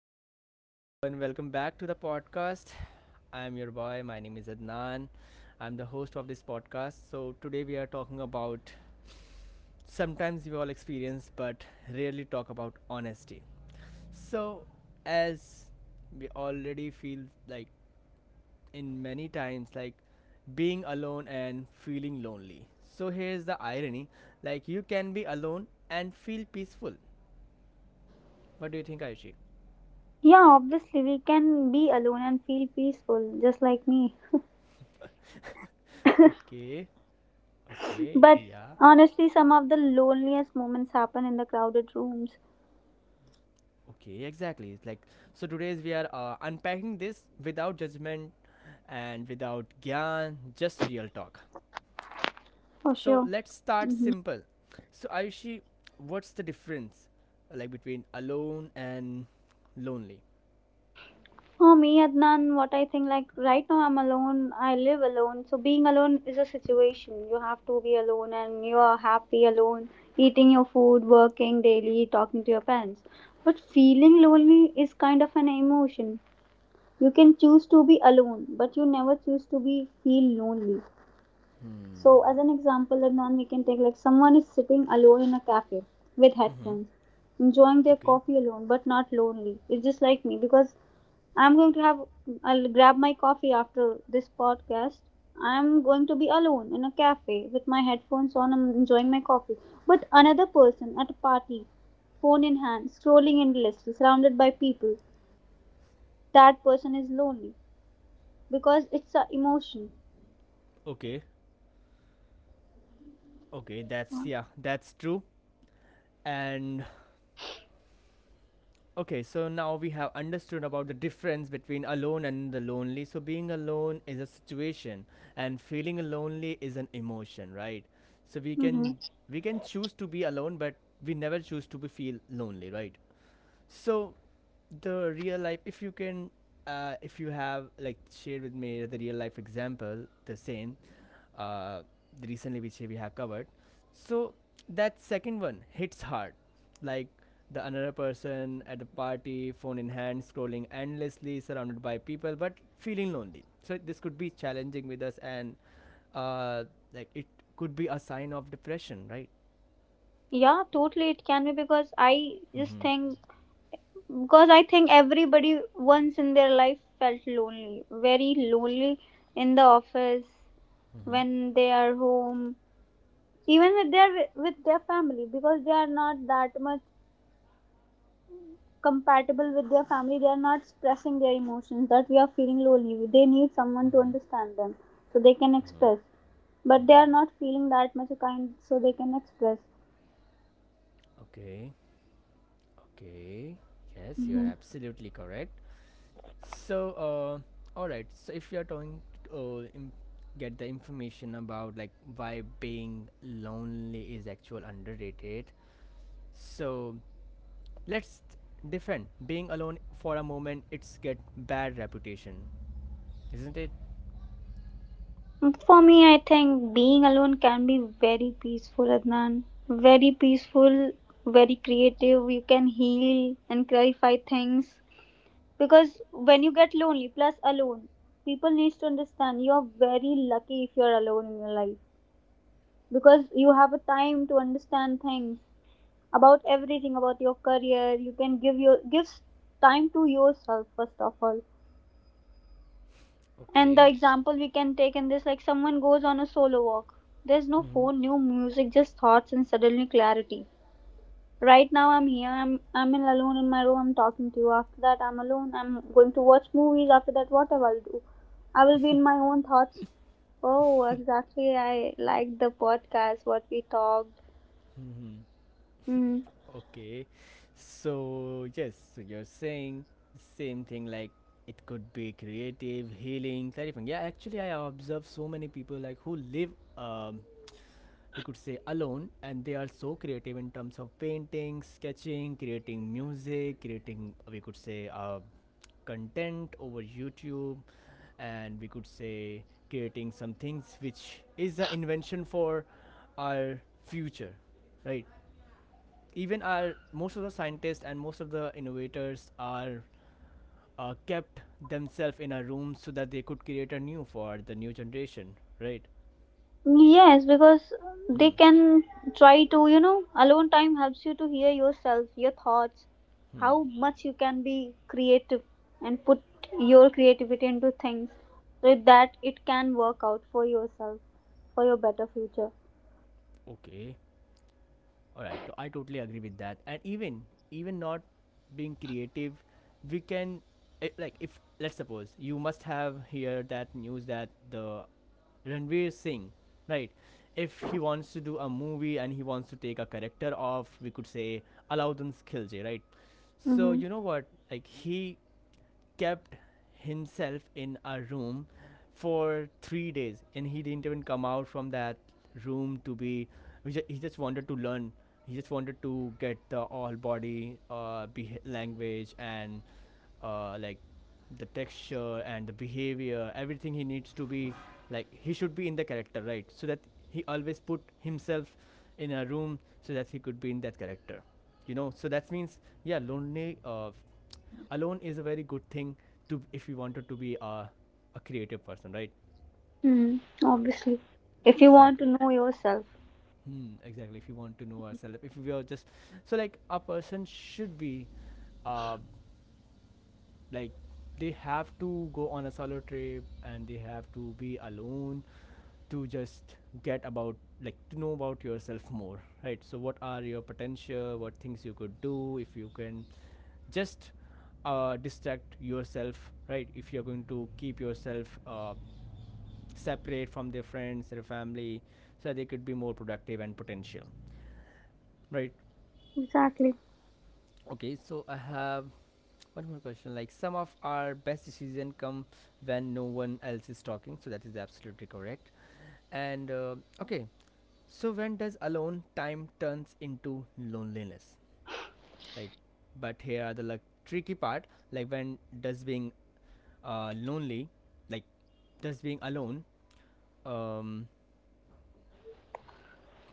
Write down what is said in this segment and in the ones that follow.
so hello everyone, welcome back to the podcast. I'm your boy, my name is Adnan. I'm the host of this podcast. So today we are talking about sometimes we all experience but rarely talk about honesty. So as we already feel like in many times like being alone and feeling lonely. So here's the irony, like you can be alone and feel peaceful. What do you think, Ayushi? Yeah, obviously, we can be alone and feel peaceful, just like me. Okay, okay, But yeah. honestly, some of the loneliest moments happen in the crowded rooms, Okay, exactly. It's like so. Today's we are unpacking this without judgment and without gyan, just real talk. for So sure. let's start Hmm. simple. So Ayushi, what's the difference like between alone and lonely? For me, Adnan, what I think, like right now I'm alone, I live alone. So being alone is a situation. You have to be alone and you are happy alone, eating your food, working daily, talking to your parents. But feeling lonely is kind of an emotion. You can choose to be alone, but you never choose to be feel lonely. Hmm. So, as an example, like Nan, we can take like someone is sitting alone in a cafe with Mm-hmm. headphones, enjoying their Okay. coffee alone, but not lonely. It's just like me because I'm going to have, I'll grab my coffee after this podcast. I'm going to be alone in a cafe with my headphones on, I'm enjoying my coffee. But another person at a party, phone in hand, scrolling endlessly, surrounded by people, that person is lonely because it's an emotion. Okay. Okay. That's yeah. That's true. And okay, so now we have understood about the difference between alone and the lonely. So being alone is a situation and feeling lonely is an emotion, right? So we can choose to be alone but we never choose to be feel lonely, right? So the real life if you can if you have like shared with me the real life example the same uh, recently which we have covered so that second one hits hard like the another person at the party phone in hand scrolling endlessly surrounded by people but feeling lonely. So this could be challenging with us and uh, like it could be a sign of depression, right? Yeah, totally it can be Mm-hmm. Because I think everybody once in their life felt lonely, very lonely in the office, Mm-hmm. when they are home, even with their family because they are not that much compatible with their family. They are not expressing their emotions that we are feeling lonely. They need someone to Mm-hmm. understand them so they can express, but they Mm-hmm. are not feeling that much kind so they can express. Okay. Okay. Yes, you are absolutely correct. So, all right. So, if you're trying to get the information about like why being lonely is actual underrated, so let's defend being alone for a moment. It's get bad reputation, isn't it? For me, I think being alone can be very peaceful, Adnan. Very peaceful, very creative. You can heal and clarify things. Because when you get lonely, plus alone, people needs to understand you're very lucky if you're alone in your life. Because you have a time to understand things about everything about your career. You can give time to yourself first of all. And the Okay. example we can take in this, like someone goes on a solo walk. There's no Mm-hmm. phone, no music, just thoughts and suddenly clarity. Right now I'm here, I'm in alone in my room, I'm talking to you. After that I'm alone, I'm going to watch movies, after that whatever I'll do. I will be in my own thoughts. Oh, exactly. I like the podcast, what we talked. Mm-hmm. Mm. Okay, so yes, so you're saying the same thing like it could be creative, healing, clarifying. Yeah, actually, I observe so many people like who live, um, we could say alone, and they are so creative in terms of painting, sketching, creating music, creating we could say content over YouTube, and we could say creating some things which is the invention for our future, right? Even our most of the scientists and most of the innovators are kept themselves in a room so that they could create a new for the new generation, right? Yes, because they Hmm. can try to, you know, alone time helps you to hear yourself, your thoughts, Hmm. how much you can be creative and put your creativity into things so that it can work out for yourself, for your better future. Okay, all right, I totally agree with that. And even even not being creative we can like if let's suppose you must have heard that news that the Ranveer Singh, right? If he wants to do a movie and he wants to take a character of, we could say, Alauddin Khilji, right? So Mm-hmm. you know what? Like he kept himself in a room for 3 days and he didn't even come out from that room to be he just wanted to learn. He just wanted to get the all body language and like the texture and the behavior, everything he needs to be like he should be in the character, right? So that he always put himself in a room so that he could be in that character, you know, so that means yeah lonely alone is a very good thing to if you wanted to be a creative person, right? Mm-hmm. Obviously, if you want Exactly. to know yourself. Hmm, exactly, if you want to know ourselves if we are just so like a person should be uh, like they have to go on a solo trip and they have to be alone to just get about like to know about yourself more, right? So what are your potential, what things you could do if you can just distract yourself, right? If you're going to keep yourself separate from their friends their family so they could be more productive and potential, right? Exactly. Okay, so I have one more question. Like some of our best decision come when no one else is talking. So that is absolutely correct. And okay, so when does alone time turns into loneliness? Like, but here are the like tricky part. Like when does being lonely, like does being alone. Um.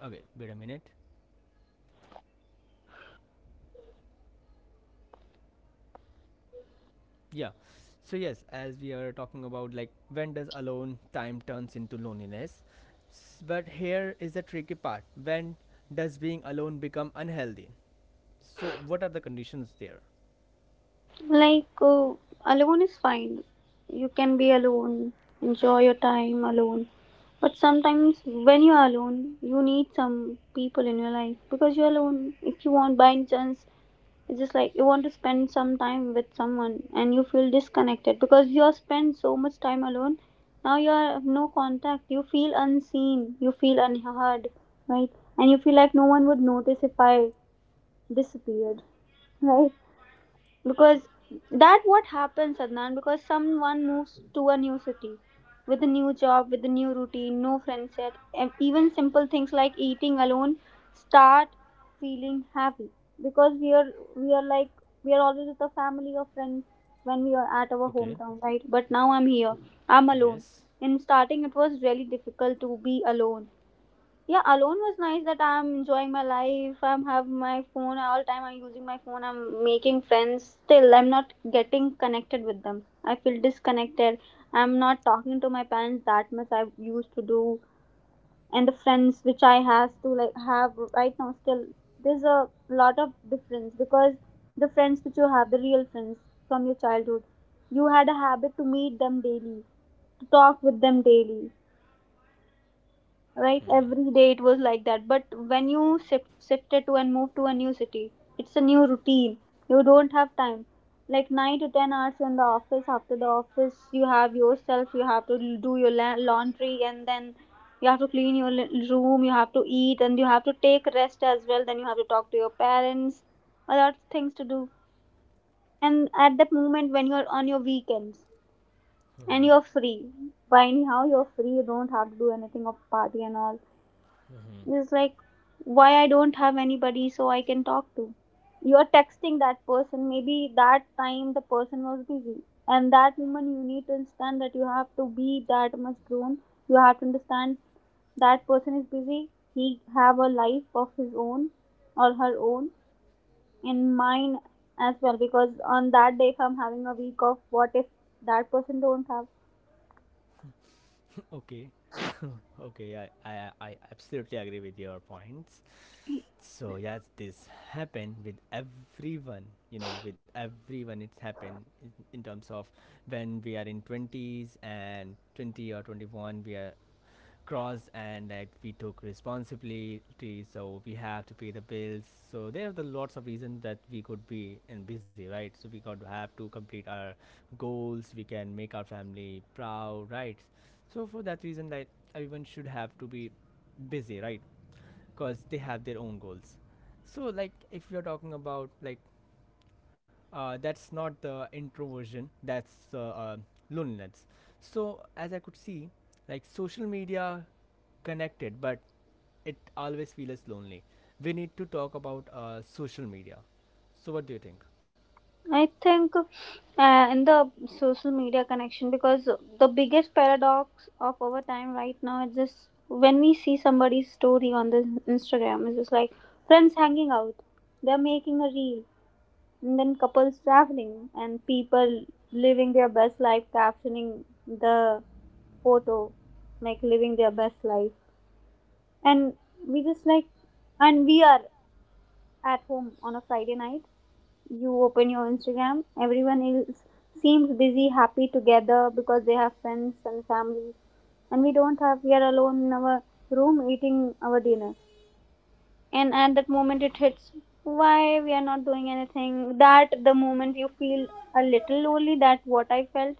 Okay. Wait a minute. Yeah. So yes, as we are talking about like when does alone time turns into loneliness? But here is the tricky part. When does being alone become unhealthy? So what are the conditions there? Like, alone is fine. You can be alone, enjoy your time alone. But sometimes when you're alone, you need some people in your life because you're alone. If you want, by any chance, it's just like you want to spend some time with someone and you feel disconnected because you have spent so much time alone. Now you have no contact. You feel unseen. You feel unheard, right? And you feel like no one would notice if I disappeared, right? Because that what happens, Adnan, because someone moves to a new city with a new job with a new routine, no friend set, and even simple things like eating alone start feeling heavy because we are like we are always with a family or friends when we are at our Okay. hometown, right? But now I'm here, I'm alone. Yes. In starting it was really difficult to be alone. Yeah, alone was nice that I'm enjoying my life, I'm have my phone all time, I'm using my phone, I'm making friends, still I'm not getting connected with them, I feel disconnected. I'm not talking to my parents that much I used to do, and the friends which I has to like have right now still, there's a lot of difference because the friends which you have, the real friends from your childhood, you had a habit to meet them daily, to talk with them daily, right? Every day it was like that, but when you shifted to and moved to a new city, it's a new routine, you don't have time, like 9 to 10 hours in the office. After the office you have yourself, you have to do your laundry, and then you have to clean your room, you have to eat and you have to take rest as well, then you have to talk to your parents. A lot of things to do. And at that moment when you're on your weekends and Mhm. you're free, by anyhow you're free, you don't have to do anything of party and all, it's like why I don't have anybody so I can talk to. You're texting that person. Maybe that time the person was busy. And that moment you need to understand that you have to be that much grown. You have to understand that person is busy. He have a life of his own or her own, and mine as well, because on that day if I'm having a week off, what if that person don't have? Okay. Okay, I absolutely agree with your points. So yes this happened with everyone, you know, with everyone it's happened in terms of when we are in 20s and 20 or 21 we are crossed and like we took responsibility, so we have to pay the bills. So there are the lots of reasons that we could be in busy, right? So we got to have to complete our goals, we can make our family proud, right? So for that reason like everyone should have to be busy, right? Because they have their own goals. So like if you're talking about like that's not the introversion. That's loneliness. So as I could see, like social media connected, but it always feels lonely. We need to talk about social media. So what do you think? I think in the social media connection, because the biggest paradox of our time right now is just when we see somebody's story on the Instagram, it's just like friends hanging out, they're making a reel, and then couples traveling and people living their best life, captioning the photo, like living their best life, and we just like, and we are at home on a Friday night. You open your Instagram, everyone else seems busy, happy together because they have friends and family, and we don't have, we are alone in our room eating our dinner. And at that moment, it hits, why we are not doing anything? That the moment you feel a little lonely, that what I felt.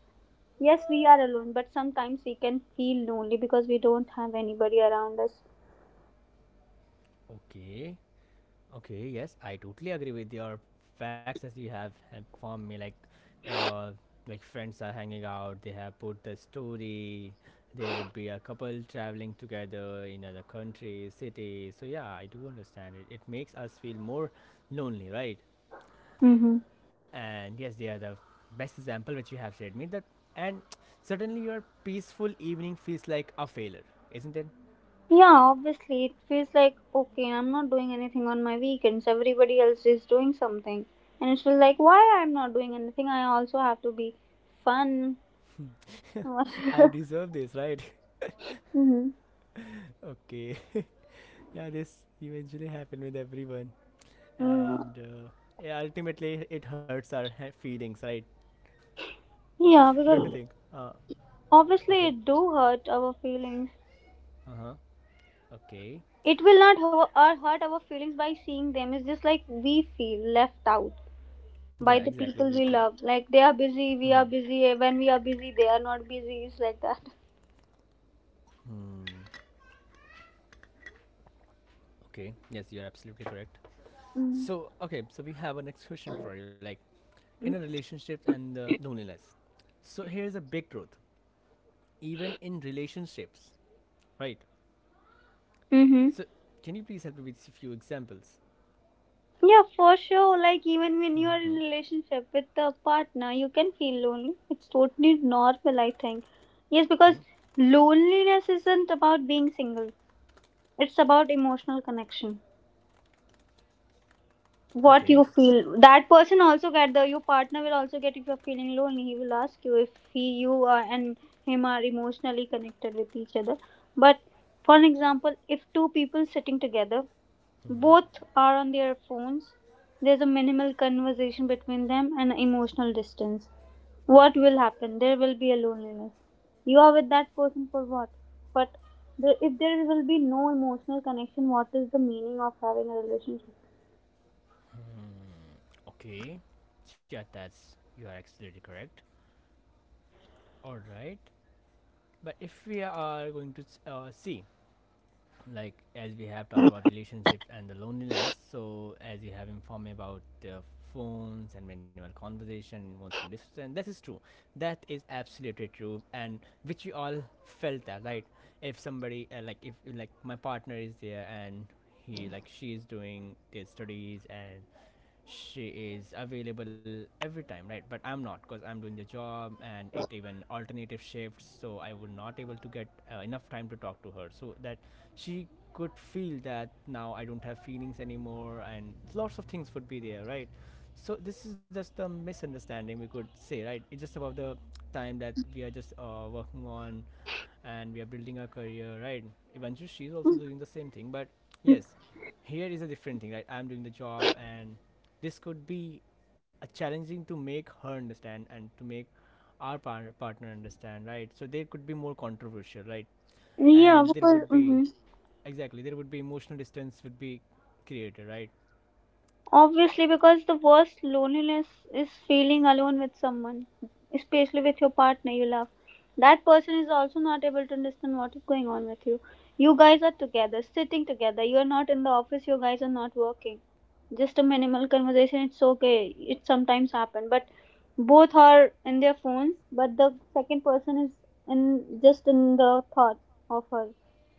Yes, we are alone, but sometimes we can feel lonely because we don't have anybody around us. Okay. Okay, yes, I totally agree with your facts that you have informed me. Uh, like friends are hanging out. They have put the story. There would be a couple traveling together in other countries, cities. So yeah, I do understand it. It makes us feel more lonely, right? Mm-hmm. And yes, they are the best example which you have shared me. That and suddenly your peaceful evening feels like a failure, isn't it? Yeah, obviously, it feels like okay, I'm not doing anything on my weekends. Everybody else is doing something, and it's feel like why I'm not doing anything. I also have to be fun. Mm-hmm. I deserve this, right? Okay. Yeah, this eventually happened with everyone. And yeah, ultimately it hurts our feelings, right? Yeah, Don't you because think? Obviously Okay. it do hurt our feelings. Uh huh. Okay. It will not hurt our feelings by seeing them. It's just like we feel left out Yeah, by the exactly. We people feel. we love. Like they are busy, we Mhm. are busy. When we are busy, they are not busy. It's like that. Hmm. Okay. Yes, you're absolutely correct. Mm-hmm. So, okay. So we have a next question for you, like in a relationship and loneliness. So here's a big truth. Even in relationships, right? Mm-hmm. So can you please help me with a few examples? Yeah, for sure. Like even when you Mm-hmm. are in a relationship with a partner, you can feel lonely. It's totally normal, I think. Yes, because Hmm. loneliness isn't about being single. It's about emotional connection. What Okay. you feel. That person also get the your partner will also get if you're feeling lonely. He will ask you if he you are, and him are emotionally connected with each other. But for an example, if two people sitting together, both are on their phones. There's a minimal conversation between them and emotional distance. What will happen? There will be a loneliness. You are with that person for what? But if there will be no emotional connection, what is the meaning of having a relationship? Okay. Yeah, that's you are absolutely correct. All right. But if we are going to see, like as we have talked about relationships and the loneliness, so as you have informed me about phones and minimal conversation, emotional distance, and this is true. That is absolutely true, and which we all felt that, right? If somebody like if like my partner is there and he like she is doing their studies and she is available every time, right, but I'm not because I'm doing the job and it even alternative shifts, so I would not able to get enough time to talk to her so that she could feel that now I don't have feelings anymore and lots of things would be there, right? So this is just the misunderstanding we could say, right? It's just about the time that we are just working on and we are building our career, right? Eventually, she's also doing the same thing, but yes, here is a different thing, right? I'm doing the job, and this could be a challenging to make her understand and to make our partner understand, right? So there could be more controversial, right? Yeah, And there because, would be mhm. exactly there would be emotional distance would be created, right? Obviously, because the worst loneliness is feeling alone with someone, especially with your partner you love. That person is also not able to understand what is going on with you. You guys are together, sitting together. You are not in the office, you guys are not working. Just a minimal conversation, it's okay. It sometimes happen, but both are in their phones, but the second person is in just in the thought of her,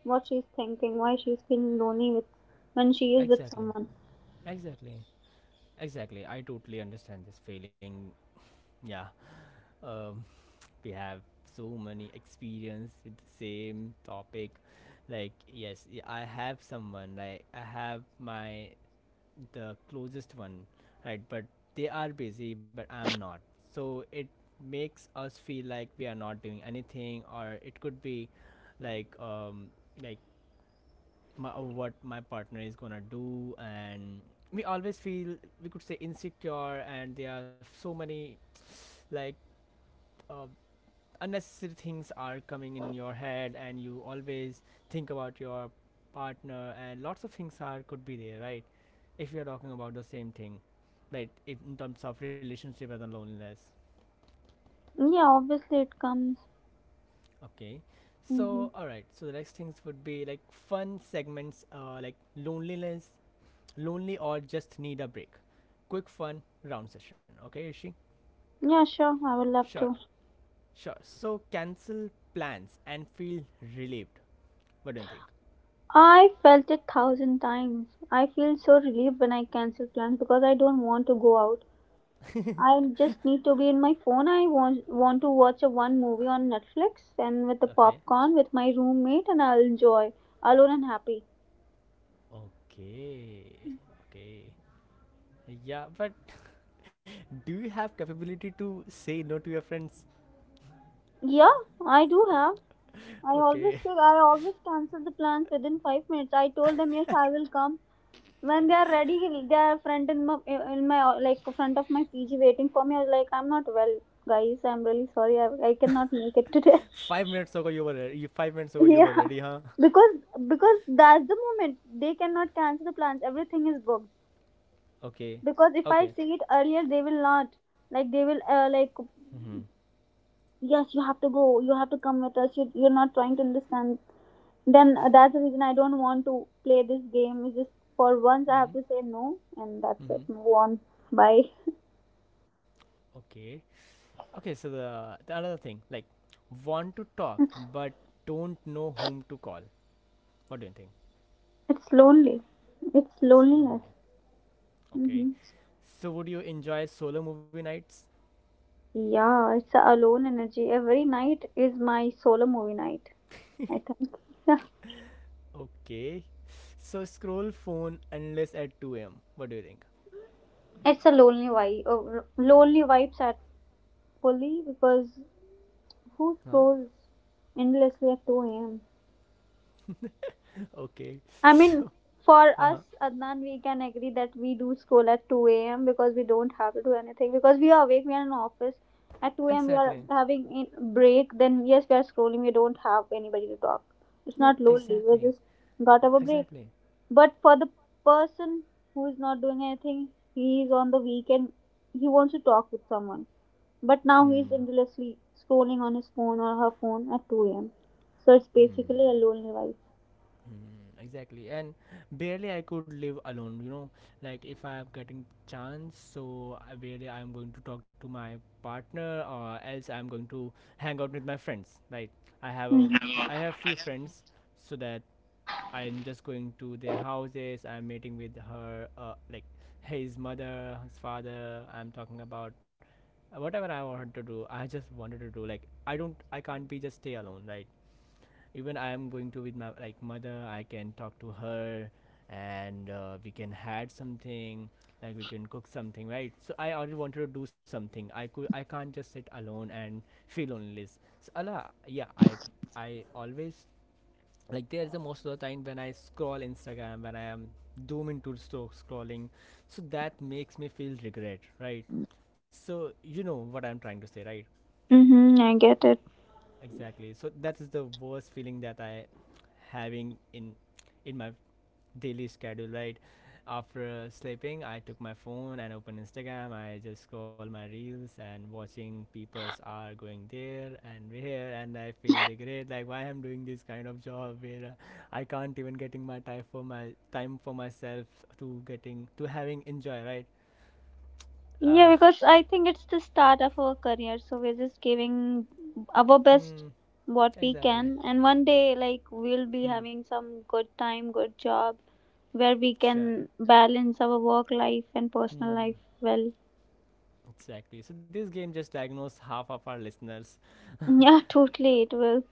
what she's thinking, why she's feeling lonely with when she is with Exactly, someone. exactly, exactly. I totally understand this feeling. Yeah, um, we have so many experience with the same topic like yes I have someone like I have my the closest one, right, but they are busy but I'm not, so it makes us feel like we are not doing anything, or it could be like um like my, what my partner is gonna do and we always feel we could say insecure, and there are so many like uh, unnecessary things are coming in your head and you always think about your partner and lots of things are could be there, right? If you're talking about the same thing, right, in terms of relationship and the loneliness. Yeah, obviously it comes. Okay, Hmm. so all right, so the next things would be like fun segments like loneliness, lonely or just need a break, quick fun round session, okay Ishi. Yeah, sure, I would love Sure, to. sure, so cancel plans and feel relieved, what do you I felt it thousand times. I feel so relieved when I cancel plans because I don't want to go out. think? I just need to be in my phone. I want to watch a one movie on Netflix and with the Okay. popcorn with my roommate and I'll enjoy alone and happy. Okay. Okay. Yeah, but do you have capability to say no to your friends? Yeah, I do have. I always Okay. say I always cancel the plans within 5 minutes. I told them yes, I will come. When they are ready, they are front in my like front of my pg waiting for me, I was like, I'm not well, guys, I'm really sorry, I cannot make it today. 5 minutes ago you were you 5 minutes ago you Yeah, were ready, huh? because because that's the moment they cannot cancel the plans, everything is booked. Okay. Because if I Okay. say it earlier, they will not, like they will like, Mm-hmm. yes, you have to go, you have to come with us, you're not trying to understand. Then that's the reason I don't want to play this game. It's just, for once I have Mm-hmm. to say no and that's Mm-hmm. it, move on. Bye. Okay. Okay, so the another thing, like want to talk but don't know whom to call. What do you think? It's lonely. It's It's loneliness. lonely. Okay. Hmm. So would you enjoy solo movie nights? Yeah, it's a alone energy. Every night is my solo movie night. I think. Yeah, Okay. So scroll phone endless at 2 a.m. What do you think? it's a lonely vibe. Lonely vibes at fully because who Huh? scrolls endlessly at 2 a.m.? Okay. I mean, for Uh huh. us, Adnan, we can agree that we do school at 2 a.m. because we don't have to do anything. Because we are awake, we are in office. At 2 a.m., we Exactly. are having in break. Then, yes, we are scrolling. We don't have anybody to talk. It's No, not lonely. We exactly. just got our break. Exactly. But for the person who is not doing anything, he is on the weekend. He wants to talk with someone. But now he Hmm. is endlessly scrolling on his phone or her phone at 2 a.m. So it's Hmm. basically a lonely life. Hmm. Exactly. And barely I could live alone, you know. Like if I am getting chance, so I am going to talk to my partner, or else I am going to hang out with my friends. Right. I have a Mhm. I have few friends so that I'm just going to their houses. I'm meeting with her, like his mother, his father. I'm talking about whatever I wanted to do. I just wanted to do like I can't be just stay alone, right? Even I am going to with my like mother. I can talk to her, and we can had something. Like we can cook something, right? So I already wanted to do something. I can't just sit alone and feel lonely. So Allah, yeah, I always like there's the most of the time when I scroll Instagram, when I am scrolling, so that makes me feel regret, right? So you know what I'm trying to say, right? Mm-hmm, I get it. Exactly, so that is the worst feeling that I having in my daily schedule, right? After sleeping, I took my phone and opened Instagram. I just scroll my reels and watching people's are going there and here, and I feel regret like why I'm doing this kind of job where, I can't even getting my time, for myself to getting to having enjoy, right? Uh, Yeah, because I think it's the start of our career, so we're just giving our best hmm, what we exactly. can, and one day, like, we'll be Hmm, having some good time, good job where we sure. can balance our work life and personal Hmm, life well. exactly. So this game just diagnosed half of our listeners. Yeah, totally, it will.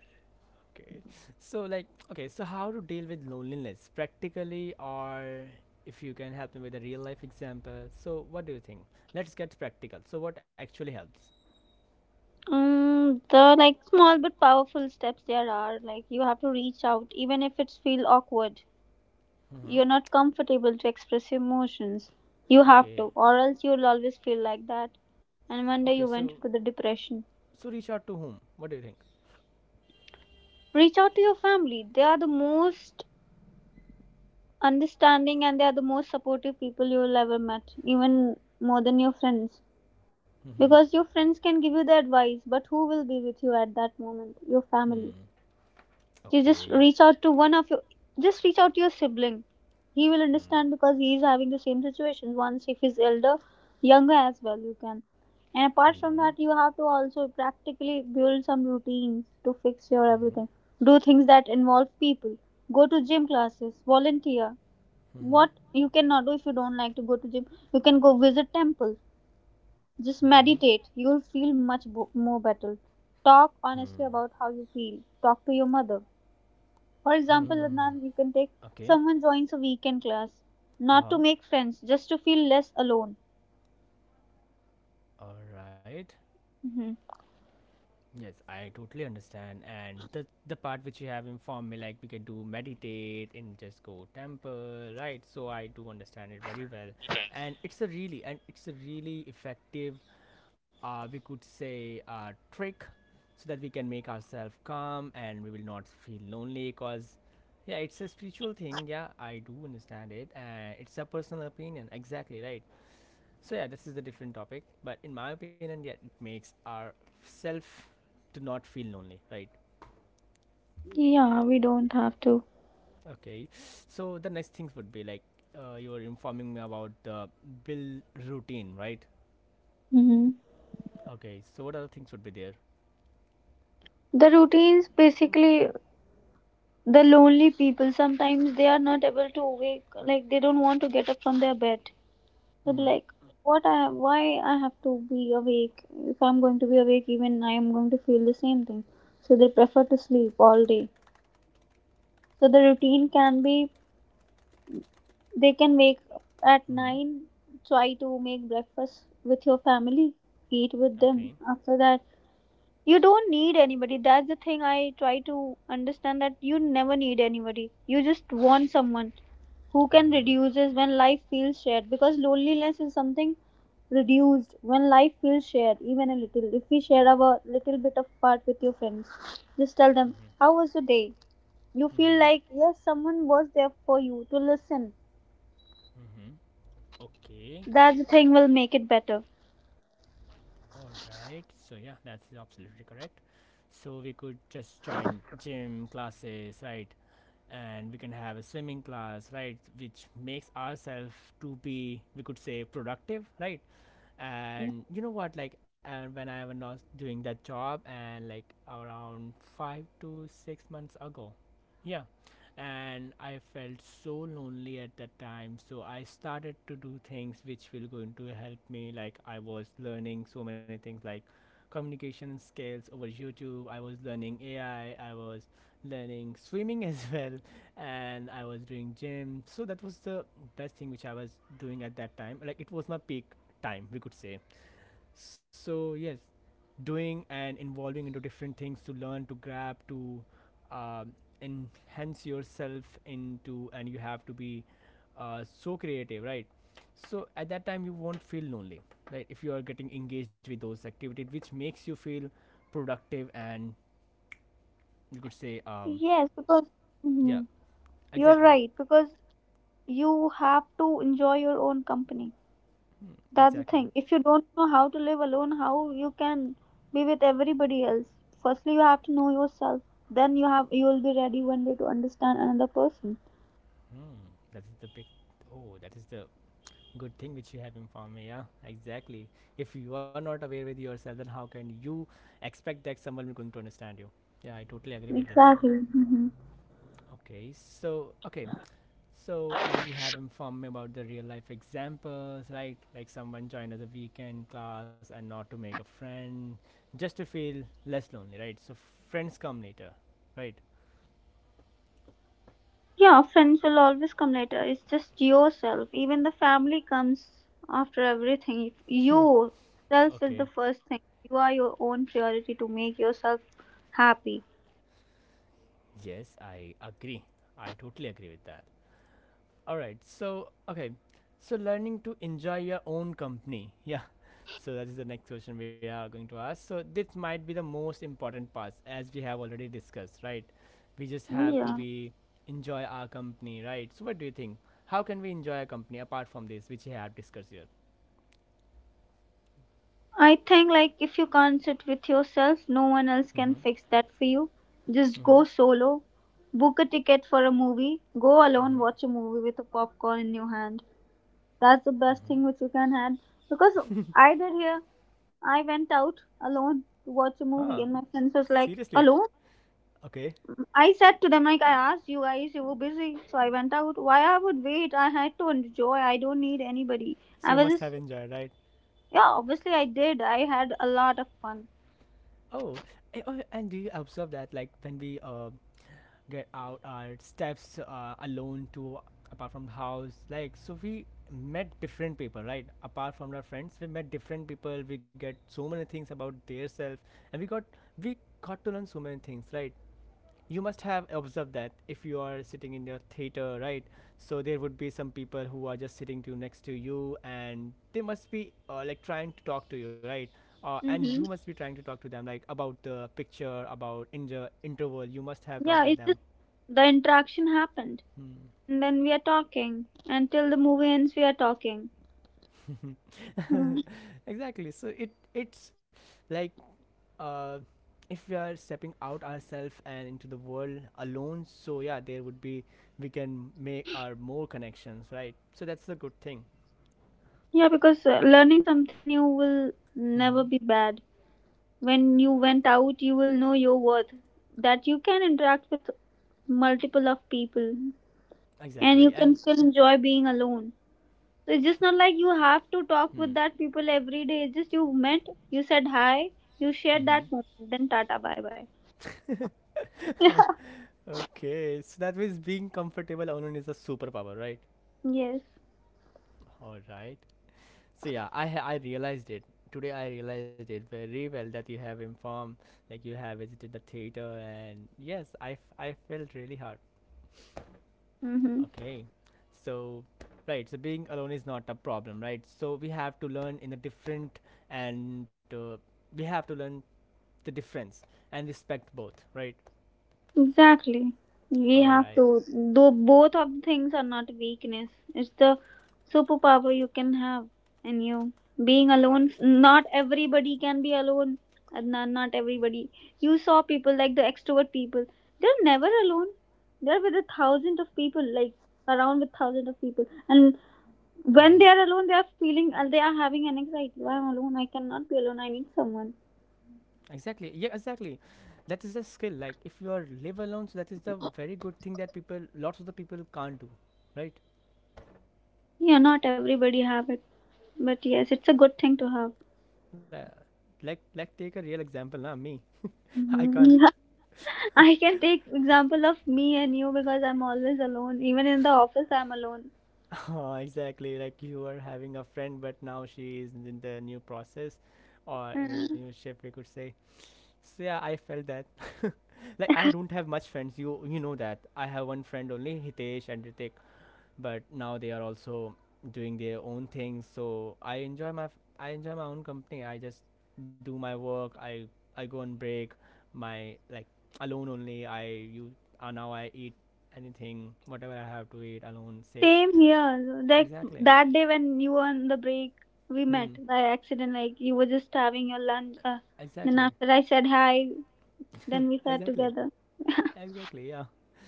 Okay. So like okay, so how to deal with loneliness practically, or if you can help me with a real life example. So what do you think? Let's get practical. So what actually helps? Mm, the like small but powerful steps there are like you have to reach out even if it's feel awkward. Mhm. You're not comfortable to express emotions. You have Okay. to, or else you'll always feel like that, and one Okay, day you so went into the depression. so reach out to whom? What do you think? Reach out to your family. They are the most understanding and they are the most supportive people you will ever met, even more than your friends. Mhm. Because your friends can give you the advice, but who will be with you at that moment? Your family. Hmm. You Okay, just yeah. reach out to one of your, just reach out to your sibling. He will understand Hmm. because he is having the same situation once. If he's elder, younger as well, you can. And apart Mhm. from that, you have to also practically build some routines to fix your Mhm. everything. Do things that involve people. Go to gym classes, volunteer. Mhm. What you cannot do, if you don't like to go to gym, you can go visit temples. Just Mhm. meditate, you'll feel much more better. Talk Hmm. honestly about how you feel. Talk to your mother, for example, Hmm. Adnan. You can take Okay. someone, joins a weekend class not to Uh-huh. make friends, just to feel less alone. All right. Hmm. Yes, I totally understand. And the part which you have informed me, like we can do meditate and just go temple, right? So I do understand it very well. And it's a really effective, we could say, trick, so that we can make ourselves calm and we will not feel lonely. Cause, yeah, it's a spiritual thing. Yeah, I do understand it, and it's a personal opinion. Exactly, right. So yeah, this is a different topic, but in my opinion, yeah, it makes ourself to not feel lonely, right? Yeah, we don't have to. Okay. So the next things would be like you were informing me about the bill routine, right? Hmm. Okay. So what other things would be there? The routines basically, the lonely people sometimes they are not able to wake, like they don't want to get up from their bed. They'll be Mm-hmm. like, what I why I have to be awake? If I'm going to be awake, even I am going to feel the same thing. So they prefer to sleep all day. So the routine can be, they can wake up at Mm-hmm. 9, try to make breakfast with your family, eat with Okay. them. After that, you don't need anybody. That's the thing I try to understand, that you never need anybody. You just want someone who can Mm-hmm. reduce this when life feels shared, because loneliness is something reduced when life feels shared. Even a little, if we share our little bit of part with your friends, just tell them Mm-hmm. how was the day, you feel Mm-hmm. like yes, someone was there for you to listen. Mm-hmm. Okay. That's the thing will make it better. All right. So yeah, that's absolutely correct. So we could just join gym classes, right? And we can have a swimming class, right, which makes ourselves to be, we could say, productive, right? Mm. And you know what, like, and when I was doing that job and like around 5 to 6 months ago, yeah, and I felt so lonely at that time. So I started to do things which will going to help me. Like I was learning so many things like communication skills over YouTube. I was learning AI. I was learning swimming as well, and I was doing gym. So that was the best thing which I was doing at that time. Like it was my peak time, we could say. So yes, doing and involving into different things to learn, to grab, to um, enhance yourself into, and you have to be so creative, right? So at that time you won't feel lonely, right? If you are getting engaged with those activities which makes you feel productive and you could say Yes, because, yeah, mhm, you're exactly. right, because you have to enjoy your own company. Hmm, That's the exactly. thing. If you don't know how to live alone, how you can be with everybody else? Firstly, you have to know yourself. Then you will be ready one day to understand another person. Hmm, that is the big oh that is the good thing which you have informed me. Yeah, exactly. If you are not aware with yourself, then how can you expect that someone is going to understand you? Yeah, I totally agree with this. Exactly. Mhm. Okay, so as you have informed me about the real life examples, right? Like someone joined as a weekend class, and not to make a friend, just to feel less lonely, right? So friends come later, right? Yeah, friends will always come later. It's just yourself. Even the family comes after everything. If you, self is the Okay. first thing. You are your own priority to make yourself happy. Yes, I agree. I totally agree with that. All right. So, okay. So, learning to enjoy your own company. Yeah. So, that is the next question we are going to ask. So, this might be the most important part as we have already discussed, right? We just have Yeah. to be enjoy our company, right? So, what do you think? How can we enjoy our company apart from this, which we have discussed here? I think like if you can't sit with yourself, no one else Mm-hmm. can fix that for you. Just Mm-hmm. go solo. Book a ticket for a movie. Go alone, Mm-hmm. watch a movie with a popcorn in your hand. That's the best thing which you can have. Because I did here, I went out alone to watch a Huh. movie, and my friends was like, Seriously? "Alone?" Okay. I said to them, like, I asked you guys, you were busy, so I went out. Why I would wait? I had to enjoy. I don't need anybody. I So, you was must have just, enjoyed, right? yeah, obviously I did. I had a lot of fun. Oh, oh, and do you observe that, like, when we get out our steps alone to apart from the house, like, so we met different people, right? Apart from our friends, we met different people. We get so many things about their self, and we got to learn so many things, right? You must have observed that if you are sitting in your theater, right, so there would be some people who are just sitting to next to you, and they must be like trying to talk to you, right? And you Mm-hmm. must be trying to talk to them like about the picture, about in the interval you must have Yeah, talked with it's them. just the interaction happened. Hmm. And then we are talking. Until the movie ends, we are talking. Mhm. Exactly, so it's like uh, if we are stepping out ourselves and into the world alone, so yeah, there would be we can make our more connections, right? So that's the good thing. Yeah, because learning something new will Mm-hmm. never be bad. When you went out, you will know your worth, that you can interact with multiple of people, and you Exactly, can and still enjoy being alone. So it's just not like you have to talk with hmm. that people every day. It's just you met, you said hi, you shared Mm-hmm. that moment, then tata, bye bye. Okay, so that means being comfortable alone is a superpower, right? Yes. All right. So yeah, I realized it today. I realized it very well that you have informed, like you have visited the theater, and I felt really hard. Mm-hmm. Okay, so right, so being alone is not a problem, right? So we have to learn in the different, and we have to learn the difference and respect both, right? Exactly. We All have right. to. Though both of the things are not weakness. It's the superpower you can have in you. Being alone. Not everybody can be alone. Adnan, not everybody. You saw people like the extrovert people. They're never alone. They're with a thousand of people, like around with thousand of people. And when Mm-hmm. they are alone, they are feeling, they are having an anxiety. Why I'm alone? I cannot be alone. I need someone. Exactly. Yeah, exactly. That is a skill. Like if you are live alone, so that is the very good thing that people, lots of the people can't do, right? Yeah, not everybody have it, but yes, it's a good thing to have. Uh, like take a real example, now me. I Mhm. can't. I can take example of me and you because I'm always alone. Even in the office, I'm alone. Oh, exactly. Like you were having a friend, but now she is in the new process or in a new Mm. shift, we could say. So yeah, I felt that. Like I don't have much friends. You know that. I have one friend only, Hitesh and Ritik, but now they are also doing their own things. So I enjoy my own company. I just do my work. I go on break. My like alone only. I you Now I eat anything whatever I have to eat alone. Sit Same here. Like exactly. that day when you were on the break, we met Hmm. by accident. Like you were just having your lunch. Then Exactly. after I said hi, then we sat Exactly. together. Exactly. Yeah.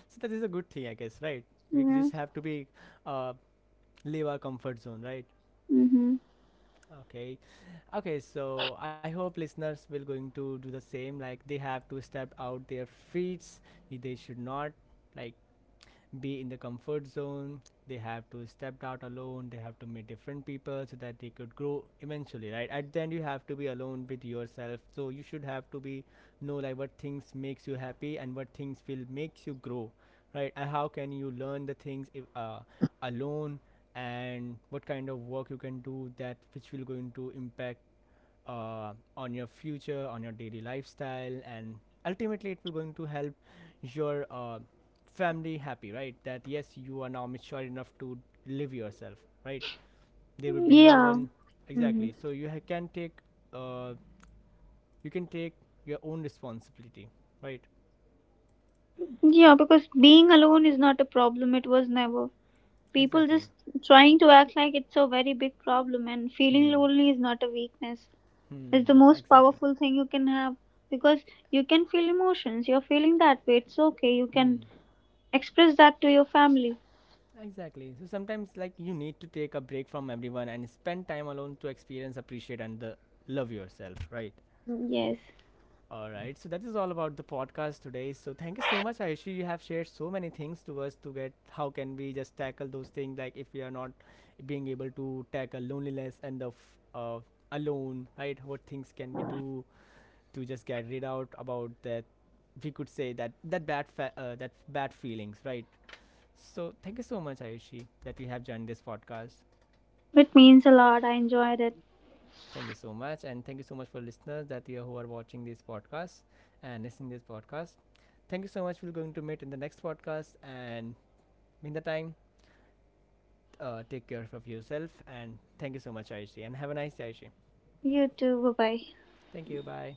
So that is a good thing, I guess, right? We Yeah. just have to be uh, leave our comfort zone, right? Mm-hmm. Okay. Okay, so I hope listeners will going to do the same, like they have to step out their feet. They should not like be in the comfort zone. They have to step out alone, they have to meet different people, so that they could grow eventually, right? At the end you have to be alone with yourself, so you should have to be know like what things makes you happy and what things will makes you grow, right? And how can you learn the things if, alone, and what kind of work you can do that which will going to impact on your future, on your daily lifestyle, and ultimately it will going to help your family happy, right? That yes, you are now mature enough to live yourself, right? There will be no Yeah. one Hmm. exactly. So can take, uh, you can take your own responsibility, right? Yeah, because being alone is not a problem. It was never. People Exactly. just trying to act like it's a very big problem, and feeling Hmm. lonely is not a weakness. It's the Hmm, most exactly. powerful thing you can have because you can feel emotions. You're feeling that way. It's okay. You can Hmm. express that to your family. Exactly. So sometimes, like, you need to take a break from everyone and spend time alone to experience, appreciate, and the love yourself. Right. Yes. All right. So that is all about the podcast today. So thank you so much, Ayushi. You have shared so many things to us to get how can we just tackle those things, like if we are not being able to tackle loneliness and the alone, right? What things can we do to just get rid out about that? We could say that that bad feelings, right? So thank you so much, Ayushi, that you have joined this podcast. It means a lot. I enjoyed it. Thank you so much, and thank you so much for listeners that you who are watching this podcast and listening this podcast. Thank you so much. We're going to meet in the next podcast, and in the time, take care of yourself. And thank you so much, Ayushi, and have a nice day, Ayushi. You too. Bye bye. Thank you. Bye.